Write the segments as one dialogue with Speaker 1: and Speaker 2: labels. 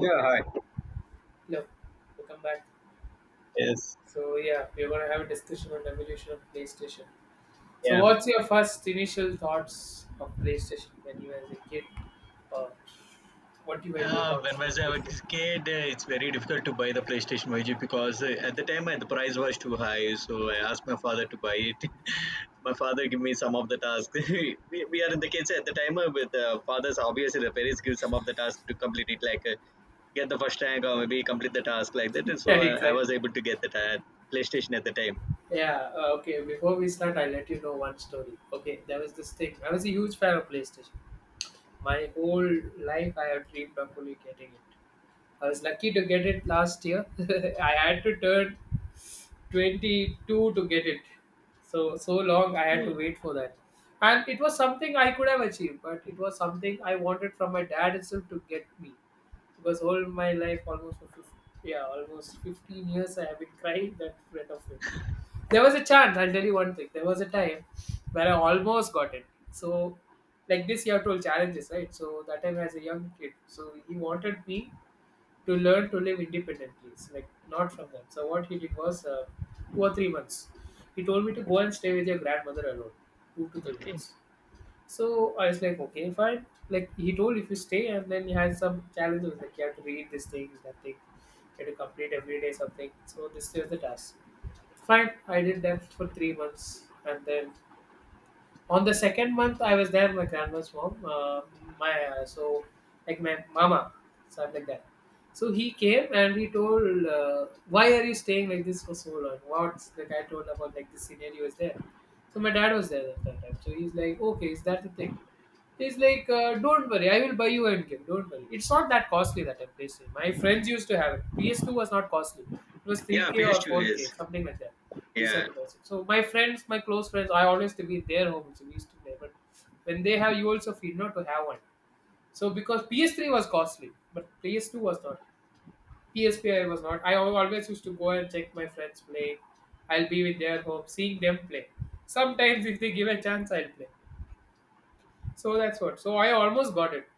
Speaker 1: Yeah, hi.
Speaker 2: Hello, welcome back.
Speaker 1: Yes.
Speaker 2: So yeah, we're gonna have a discussion on the evolution of PlayStation. So
Speaker 1: Yeah.
Speaker 2: what's your first initial thoughts of PlayStation when you were a kid, or what you were your
Speaker 1: When
Speaker 2: thoughts on
Speaker 1: was I was
Speaker 2: PlayStation?
Speaker 1: a kid, it's very difficult to buy the PlayStation, Vijay, because at the time the price was too high. So I asked my father to buy it. My father gave me some of the tasks. We are in the kids at the time, with fathers. Obviously, the parents give some of the tasks to complete it, like get the first rank or maybe complete the task like that. And
Speaker 2: Yeah,
Speaker 1: so I was
Speaker 2: exactly.
Speaker 1: able to get the PlayStation at the time.
Speaker 2: Yeah. Okay. Before we start, I'll let you know one story. Okay, there was this thing. I was a huge fan of PlayStation. My whole life, I have dreamed of fully getting it. I was lucky to get it last year. I had to turn 22 to get it. So long I had
Speaker 1: Okay.
Speaker 2: to wait for that. And it was something I could have achieved, but it was something I wanted from my dad itself to get me. Because all my life, almost for 15, yeah, almost 15 years, I have been crying that threat of it. There was a chance, I'll tell you one thing. There was a time where I almost got it. So, like this, you have told challenges, right? So, that time as a young kid, so he wanted me to learn to live independently, it's like not from them. So what he did was 2 or 3 months. He told me to go and stay with your grandmother alone, two to three
Speaker 1: Okay.
Speaker 2: months. So I was like, okay, fine. Like he told, if you stay, and then he had some challenges, like you have to read this thing, that thing, you have to complete every day something. So this is the task. Fine, I did that for 3 months, and then on the second month I was there at my grandma's home. My so like my mama, stuff like that. So he came and he told, "Why are you staying like this for so long?" What's like I told about like the scenario is there. So my dad was there at that time. So he's like, "Okay, is that the thing?" He's like, don't worry, I will buy you a game. Don't worry. It's not that costly that time PlayStation. My friends used to have it. PS2 was not costly. It was
Speaker 1: Yeah,
Speaker 2: 3K or
Speaker 1: PS2
Speaker 2: 4K,
Speaker 1: is.
Speaker 2: something like that. We used to have
Speaker 1: Yeah.
Speaker 2: to buy it. So my friends, my close friends, I always to be in their home, so we used to play. But when they have, you also feel not to have one. So because PS3 was costly, but PS2 was not. PSP I was not. Always used to go and check my friends play. I'll be with their home, seeing them play. Sometimes if they give a chance, I'll play. So that's what. So I almost got it.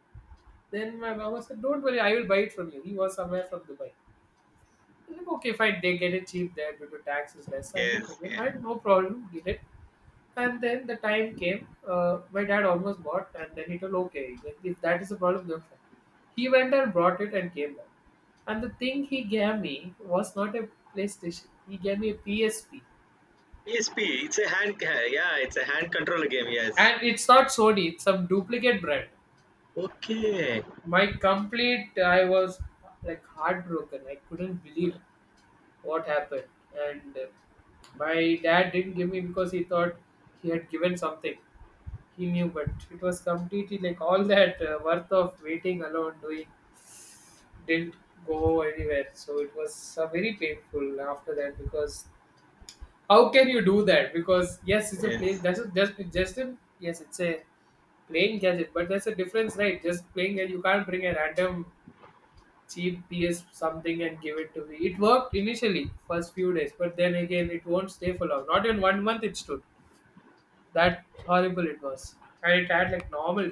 Speaker 2: Then my mama said, "Don't worry, I will buy it from you." He was somewhere from Dubai. I'm like, okay, fine. They get it cheap there due to tax is less. I was
Speaker 1: Yes.
Speaker 2: like, okay,
Speaker 1: Yeah.
Speaker 2: fine, no problem, get it. And then the time came. My dad almost bought, and then he told, okay, he's like, if that is a problem, then fine. He went and brought it and came back. And the thing he gave me was not a PlayStation. He gave me a PSP,
Speaker 1: PSP, it's a hand, yeah, it's a hand control game, yes.
Speaker 2: and it's not Sony. It's some duplicate brand.
Speaker 1: Okay,
Speaker 2: My complete, I was like heartbroken. I couldn't believe what happened and my dad didn't give me because he thought he had given something he knew, but it was completely like all that worth of waiting alone doing didn't go anywhere. So it was very painful after that, because how can you do that? Because yes, it's a place,
Speaker 1: yes.
Speaker 2: that's a, just a, yes, it's a playing gadget, but there's a difference, right? Just playing, and you can't bring a random cheap PS something and give it to me. It worked initially, first few days, but then again, it won't stay for long. Not in 1 month, it stood. That horrible it was. And it had like normal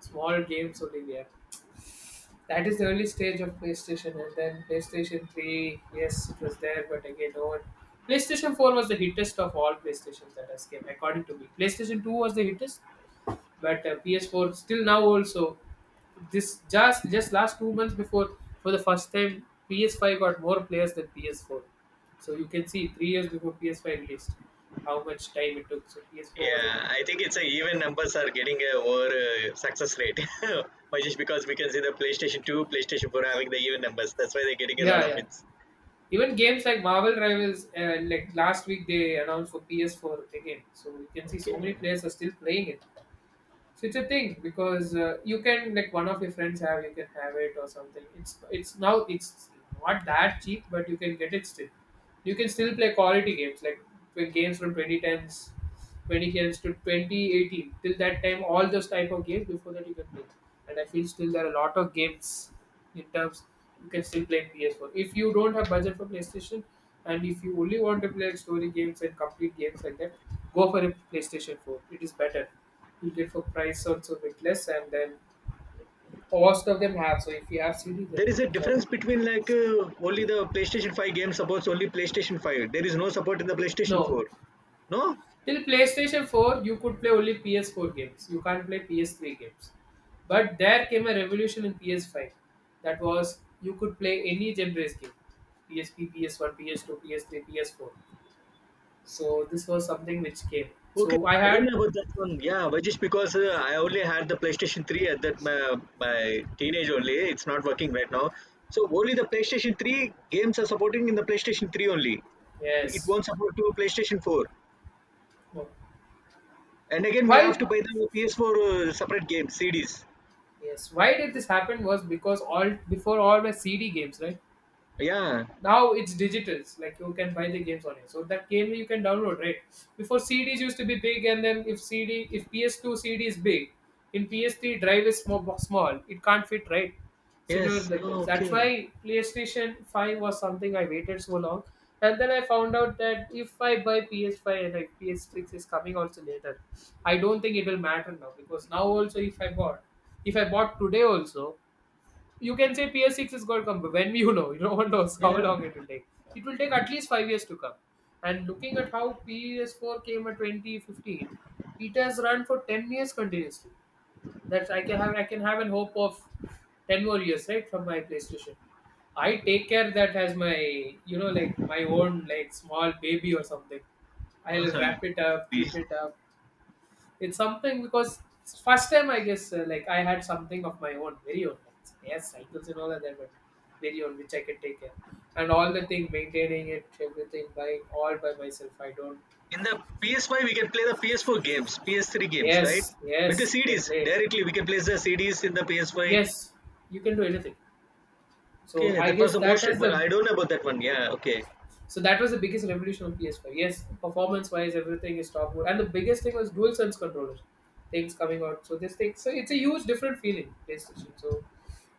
Speaker 2: small games only there. That is the early stage of PlayStation, and then PlayStation 3, yes, it was there, but again, no one. PlayStation 4 was the hittest of all PlayStations that has came, according to me. PlayStation 2 was the hittest, but PS4 still now also this just last 2 months before for the first time PS5 got more players than PS4. So you can see 3 years before PS5 released how much time it took. So PS4 was able.
Speaker 1: Yeah, I think it's a even numbers are getting a over success rate. Why? Just because we can see the PlayStation 2, PlayStation 4 having the even numbers. That's why they're getting a lot
Speaker 2: Yeah,
Speaker 1: of
Speaker 2: yeah.
Speaker 1: hits.
Speaker 2: Even games like Marvel Rivals, like last week they announced for PS4 again. So you can see so
Speaker 1: Okay.
Speaker 2: many players are still playing it. So it's a thing because you can like one of your friends have you can have it or something. It's now it's not that cheap, but you can get it still. You can still play quality games like play games from 2010s, 2010s to 2018. Till that time, all those type of games. Before that, you can play. And I feel still there are a lot of games in terms you can still play PS4. If you don't have budget for PlayStation, and if you only want to play story games and complete games like that, go for a PlayStation 4. It is better heated, for price also a bit less, and then most of them have, so if you have CD then
Speaker 1: There
Speaker 2: you
Speaker 1: is a
Speaker 2: can channel
Speaker 1: difference
Speaker 2: it.
Speaker 1: between, like, only the PlayStation 5 game supports only PlayStation 5. There is no support in the PlayStation
Speaker 2: No,
Speaker 1: 4. No?
Speaker 2: till PlayStation 4 you could play only PS4 games, you can't play PS3 games, but there came a revolution in PS5. That was, you could play any genres game, PSP, PS1, PS2, PS3, PS4. So this was something which came.
Speaker 1: Okay,
Speaker 2: So I
Speaker 1: I don't
Speaker 2: had,
Speaker 1: know about that one. Yeah, but just because I only had the PlayStation 3 at that my teenage only, it's not working right now. So only the PlayStation 3 games are supporting in the PlayStation 3 only. It
Speaker 2: yes,
Speaker 1: won't support to PlayStation 4.
Speaker 2: no.
Speaker 1: And again, we have
Speaker 2: Why?
Speaker 1: to buy the PS4 separate games, CDs.
Speaker 2: Yes, why did this happen was because all before all were CD games, right?
Speaker 1: Yeah.
Speaker 2: Now it's digital, like you can buy the games on it, so that game you can download, right? Before CDs used to be big, and then if CD, if PS2 CD is big, in PS3 drive is small, small, it can't fit, right? Scenarios
Speaker 1: Yes.
Speaker 2: like that,
Speaker 1: Oh,
Speaker 2: that's
Speaker 1: okay.
Speaker 2: why PlayStation 5 was something I waited so long. And then I found out that if I buy PS5, and like PS6 is coming also later, I don't think it will matter now, because now also if I bought today also, you can say PS6 is going to come, but when, you know, no one knows how
Speaker 1: Yeah.
Speaker 2: long it will take. It will take at least 5 years to come. And looking at how PS4 came at 2015, it has run for 10 years continuously. That's I can have an hope of 10 more years, right, from my PlayStation. I take care that as my, you know, like my own, like small baby or something. I'll
Speaker 1: Okay.
Speaker 2: wrap it up,
Speaker 1: P-
Speaker 2: keep it up, it's something because first time I guess like I had something of my own, very own. Yes, cycles and all are there, but very own which I can take care. And all the thing, maintaining it, everything, buying all by myself. I don't.
Speaker 1: In the PS5, we can play the PS4 games, PS3 games, right?
Speaker 2: Yes,
Speaker 1: With the
Speaker 2: yes, you can
Speaker 1: CDs
Speaker 2: play.
Speaker 1: directly, we can place the CDs in the PS5.
Speaker 2: Yes, you can do anything. So
Speaker 1: Okay,
Speaker 2: I
Speaker 1: that was
Speaker 2: guess
Speaker 1: the
Speaker 2: that
Speaker 1: most
Speaker 2: has
Speaker 1: admired.
Speaker 2: the,
Speaker 1: I don't know about that one. Yeah, okay.
Speaker 2: so that was the biggest revolution on PS5. Yes, performance-wise, everything is top good, and the biggest thing was dual sense controller things coming out. So this thing, so it's a huge different feeling PlayStation. So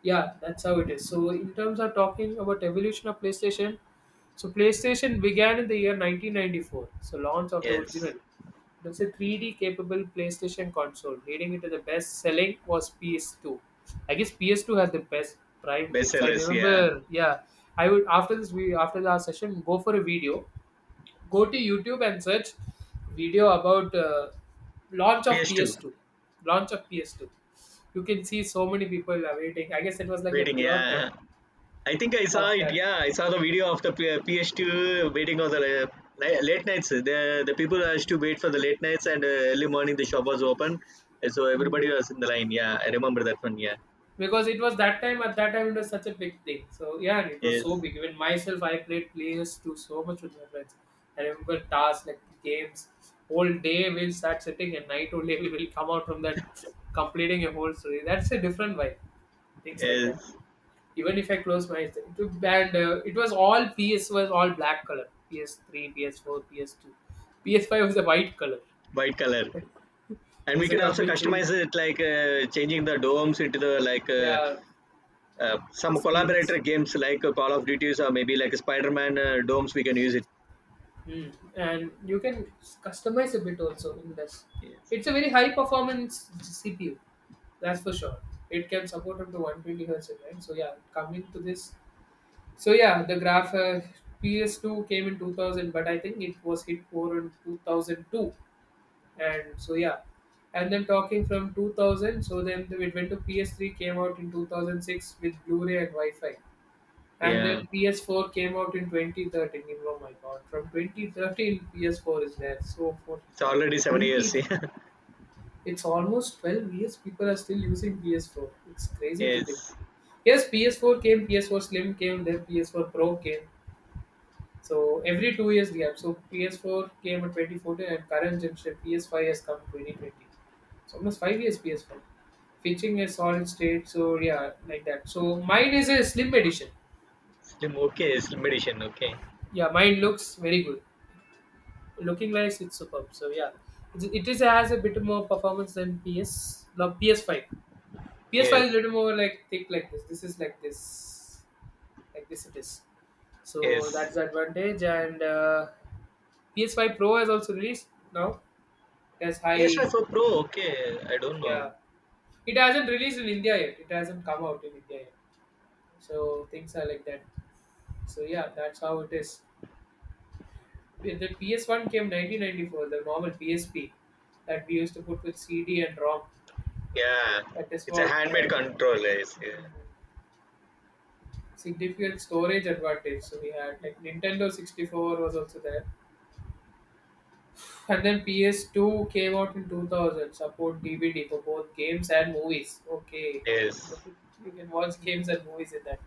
Speaker 2: yeah, that's how it is. So in terms of talking about evolution of PlayStation, so PlayStation began in the year 1994. So launch of the
Speaker 1: Yes.
Speaker 2: original. There's a 3D capable PlayStation console, leading into the best selling was PS2. I guess PS2 has the best Prime games. I
Speaker 1: Bestsellers, yeah.
Speaker 2: remember, yeah. I would after this, we after our session go for a video, go to YouTube and search video about launch of
Speaker 1: PS2.
Speaker 2: PS2, launch of PS2. You can see so many people awaiting. I guess it was like the
Speaker 1: Waiting,
Speaker 2: pure time
Speaker 1: yeah. I think I saw
Speaker 2: of
Speaker 1: it.
Speaker 2: that.
Speaker 1: Yeah, I saw the video of the PS2 waiting on the late nights. The people has to wait for the late nights and early morning the shop was open. And so
Speaker 2: Hmm.
Speaker 1: everybody was in the line. Yeah, I remember that one. Yeah.
Speaker 2: Because it was that time, at that time it was such a big thing. So yeah, and it was
Speaker 1: Yes.
Speaker 2: so big. Even myself, I played PS2 so much with my friends. I remember tasks like games. Whole day we'll start sitting and night only we will come out from that, completing a whole story. That's a different vibe. Things like that.
Speaker 1: Yes.
Speaker 2: Even if I close my eyes, it would- and it was all PS was all black color. PS3, PS4, PS2, PS5 was a white color.
Speaker 1: White color.
Speaker 2: It
Speaker 1: And
Speaker 2: was
Speaker 1: we
Speaker 2: a
Speaker 1: can also
Speaker 2: complete change.
Speaker 1: customize it, like, changing the domes into the, like,
Speaker 2: Yeah,
Speaker 1: some
Speaker 2: skins.
Speaker 1: collaborator games like Call of Duties or maybe like Spider-Man, Domes, we can use it.
Speaker 2: Mm. And you can customize a bit also in this.
Speaker 1: Yes.
Speaker 2: It's a very high performance CPU, that's for sure. It can support up to 120 hertz, right? So yeah, coming to this. So yeah, the graph PS2 came in 2000, but I think it was hit more in 2002. And so yeah, and then talking from 2000, so then it went to PS3, came out in 2006 with Blu-ray and Wi-Fi. And
Speaker 1: Yeah.
Speaker 2: then PS4 came out in 2013. Oh my god, from 2013 PS4 is there. So for
Speaker 1: It's already seven
Speaker 2: 20,
Speaker 1: years.
Speaker 2: it's almost 12 years. People are still using PS4. It's crazy to think.
Speaker 1: Yes.
Speaker 2: Yes, PS4 came, PS4 Slim came, then PS4 Pro came. So every 2 years gap. So PS4 came in 2014 and current generation PS5 has come 2020. So almost 5 years PS5. Featuring a solid state. So yeah, like that. So mine is a slim edition.
Speaker 1: Slim. Okay. Slim edition. Okay.
Speaker 2: Yeah, mine looks very good. Looking wise it's superb, so yeah, it is has a bit more performance than ps no, ps5
Speaker 1: Yes.
Speaker 2: is a little more like thick like This is like this it is. So
Speaker 1: Yes.
Speaker 2: that's the advantage, and ps5 pro has also released now. It has high.
Speaker 1: PS5 Pro. Okay. I don't know.
Speaker 2: Yeah, it hasn't released in India yet. It hasn't come out in India yet. So things are like that. So yeah, that's how it is. When the ps1 came 1994, the normal psp that we used to put with cd and rom.
Speaker 1: Yeah.
Speaker 2: That is
Speaker 1: It's a
Speaker 2: what,
Speaker 1: handmade controller. Yes. Yeah.
Speaker 2: significant storage advantage. So we had like Nintendo 64 was also there, and then PS2 came out in 2000. Support DVD for both games and movies. Okay,
Speaker 1: Yes.
Speaker 2: you can watch games and movies in that.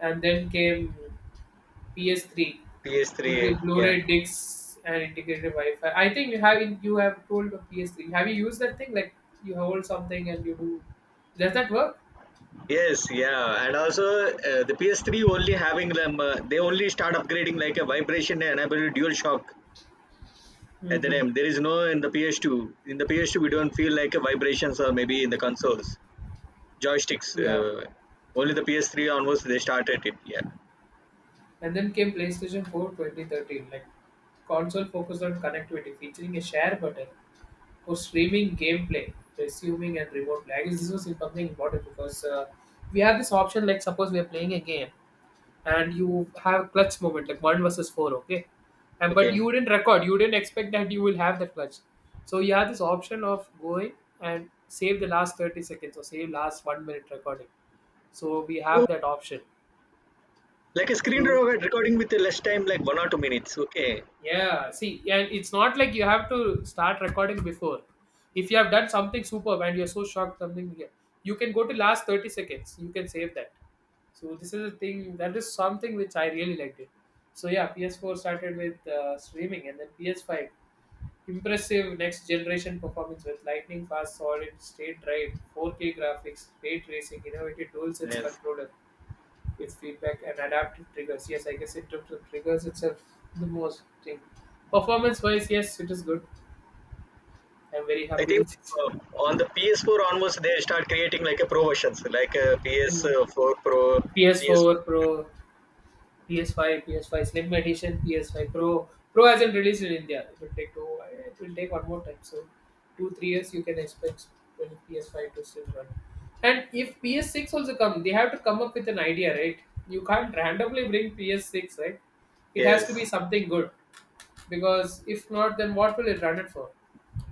Speaker 2: And then came PS3.
Speaker 1: PS3.
Speaker 2: Introduced
Speaker 1: Yeah.
Speaker 2: Blu-ray discs and integrated Wi-Fi. I think you have told of PS3. Have you used that thing? Like you hold something and you do. Does that work?
Speaker 1: Yes. Yeah. And also the PS3 only having them. They only start upgrading like a vibration enabled dual shock. At the
Speaker 2: Mm-hmm.
Speaker 1: time there is no in the ps2. In the ps2, we don't feel like a vibrations or maybe in the consoles joysticks,
Speaker 2: Yeah.
Speaker 1: only the ps3 onwards they started it. Yeah.
Speaker 2: And then came PlayStation 4 2013, like console focused on connectivity, featuring a share button for streaming gameplay, resuming and remote play. I guess this was something important, because we have this option. Like suppose we are playing a game and you have clutch moment like one versus four, okay? And but
Speaker 1: Okay.
Speaker 2: you didn't record, you didn't expect that you will have that clutch. So you have this option of going and save the last 30 seconds or save last 1 minute recording. So we have
Speaker 1: Oh,
Speaker 2: that option.
Speaker 1: like a screen
Speaker 2: So
Speaker 1: recording with the less time, like 1 or 2 minutes. Okay.
Speaker 2: yeah, see, and it's not like you have to start recording before. If you have done something superb and you're so shocked, something, yeah, you can go to last 30 seconds. You can save that. So this is a thing that is something which I really liked it. So yeah, PS4 started with streaming, and then PS5, impressive next generation performance with lightning fast solid state drive, 4K graphics, ray tracing, innovative dual sense
Speaker 1: Yes.
Speaker 2: controller. With feedback and adaptive triggers. Yes, I guess in terms of triggers itself, the most thing. Performance wise, yes, it is good. I'm very
Speaker 1: I
Speaker 2: happy
Speaker 1: think
Speaker 2: with it.
Speaker 1: uh, on the ps4 onwards they start creating like a pro versions like a
Speaker 2: Mm.
Speaker 1: ps4 pro. Ps.
Speaker 2: PS4 Pro, PS5, PS5 Slim Edition, PS5 Pro. Pro hasn't released in India. It will take two. It will take one more time. So, 2-3 years you can expect when PS5 to still run. And if PS6 also come, they have to come up with an idea, right? You can't randomly bring PS6, right? It has to be
Speaker 1: Yes.
Speaker 2: something good. Because if not, then what will it run it for?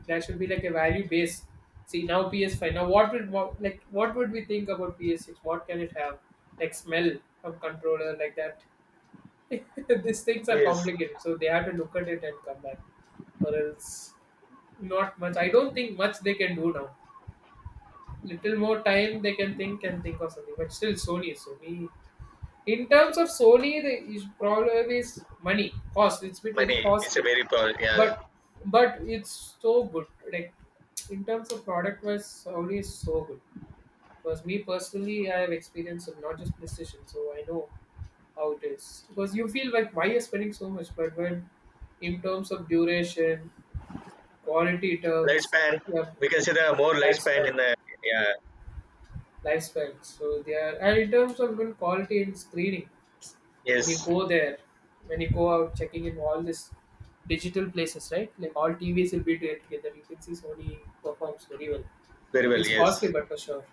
Speaker 2: That should be like a value base. See, now ps5, now what would like what would we think about ps6? What can it have? Like smell of controller, like that. These things are
Speaker 1: Yes.
Speaker 2: complicated, so they have to look at it and come back. Or else, not much. I don't think much they can do now. Little more time they can think and think of something. But still, sony in terms of solely, the is problem is money, cost. It's bit very
Speaker 1: Money is a
Speaker 2: costly,
Speaker 1: very pro. Yeah.
Speaker 2: but but it's so good. Like in terms of product wise, solely is so good. Because me personally, I have experience of not just PlayStation, so I know how it is. Because you feel like why you're spending so much, but when in terms of duration, quality terms,
Speaker 1: Lifespan,
Speaker 2: yeah,
Speaker 1: we consider more lifespan
Speaker 2: lifespan,
Speaker 1: in the. Yeah.
Speaker 2: lifespan. So they are, and in terms of even quality in screening. When you
Speaker 1: Yes.
Speaker 2: go there, when you go out checking in all this digital places, right? Like all TVs will be there together. You can see Sony performs very well.
Speaker 1: Very well,
Speaker 2: It's costly,
Speaker 1: yes.
Speaker 2: but for sure.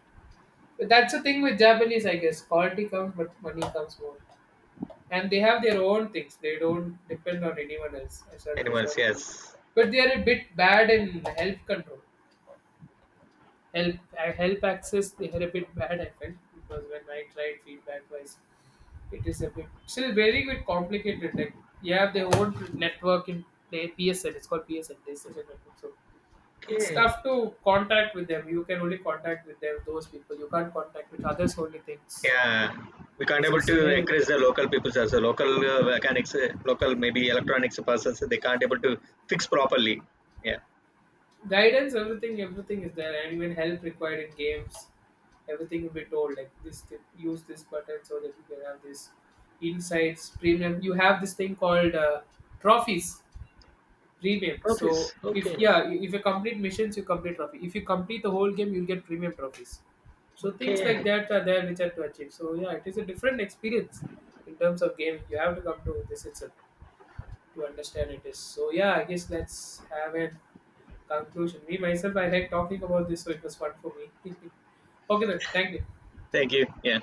Speaker 2: But that's the thing with Japanese, I guess. Quality comes, but money comes more. And they have their own things. They don't depend on anyone else. I said for sure.
Speaker 1: Animals, yes.
Speaker 2: But they are a bit bad in help control. Help access, they are a bit bad, I felt, because when I tried feedback wise. It is a bit still very bit complicated. Like you have the whole network in play PSN. It's called PSN PlayStation Network. So it's
Speaker 1: Okay.
Speaker 2: tough to contact with them. You can only contact with them those people. You can't contact with others only things.
Speaker 1: Yeah, we can't
Speaker 2: So
Speaker 1: able to
Speaker 2: scenario
Speaker 1: encourage the local people as a local mechanics, local maybe electronics persons. They can't able to fix properly. Yeah.
Speaker 2: guidance, everything, everything is there, and even help required in games. Everything will be told like this. Use this button so that you can have this insights premium. You have this thing called trophies Premium. So
Speaker 1: Profits.
Speaker 2: if
Speaker 1: Okay.
Speaker 2: yeah, if you complete missions, you complete trophy. If you complete the whole game, you'll get premium trophies. So things like
Speaker 1: Okay.
Speaker 2: that are there which are to achieve. So yeah, it is a different experience in terms of game. You have to come to this itself to understand it is. So yeah, I guess let's have a conclusion. Me myself, I like talking about this, so it was fun for me. Okay then, thank you.
Speaker 1: Thank you. Yeah.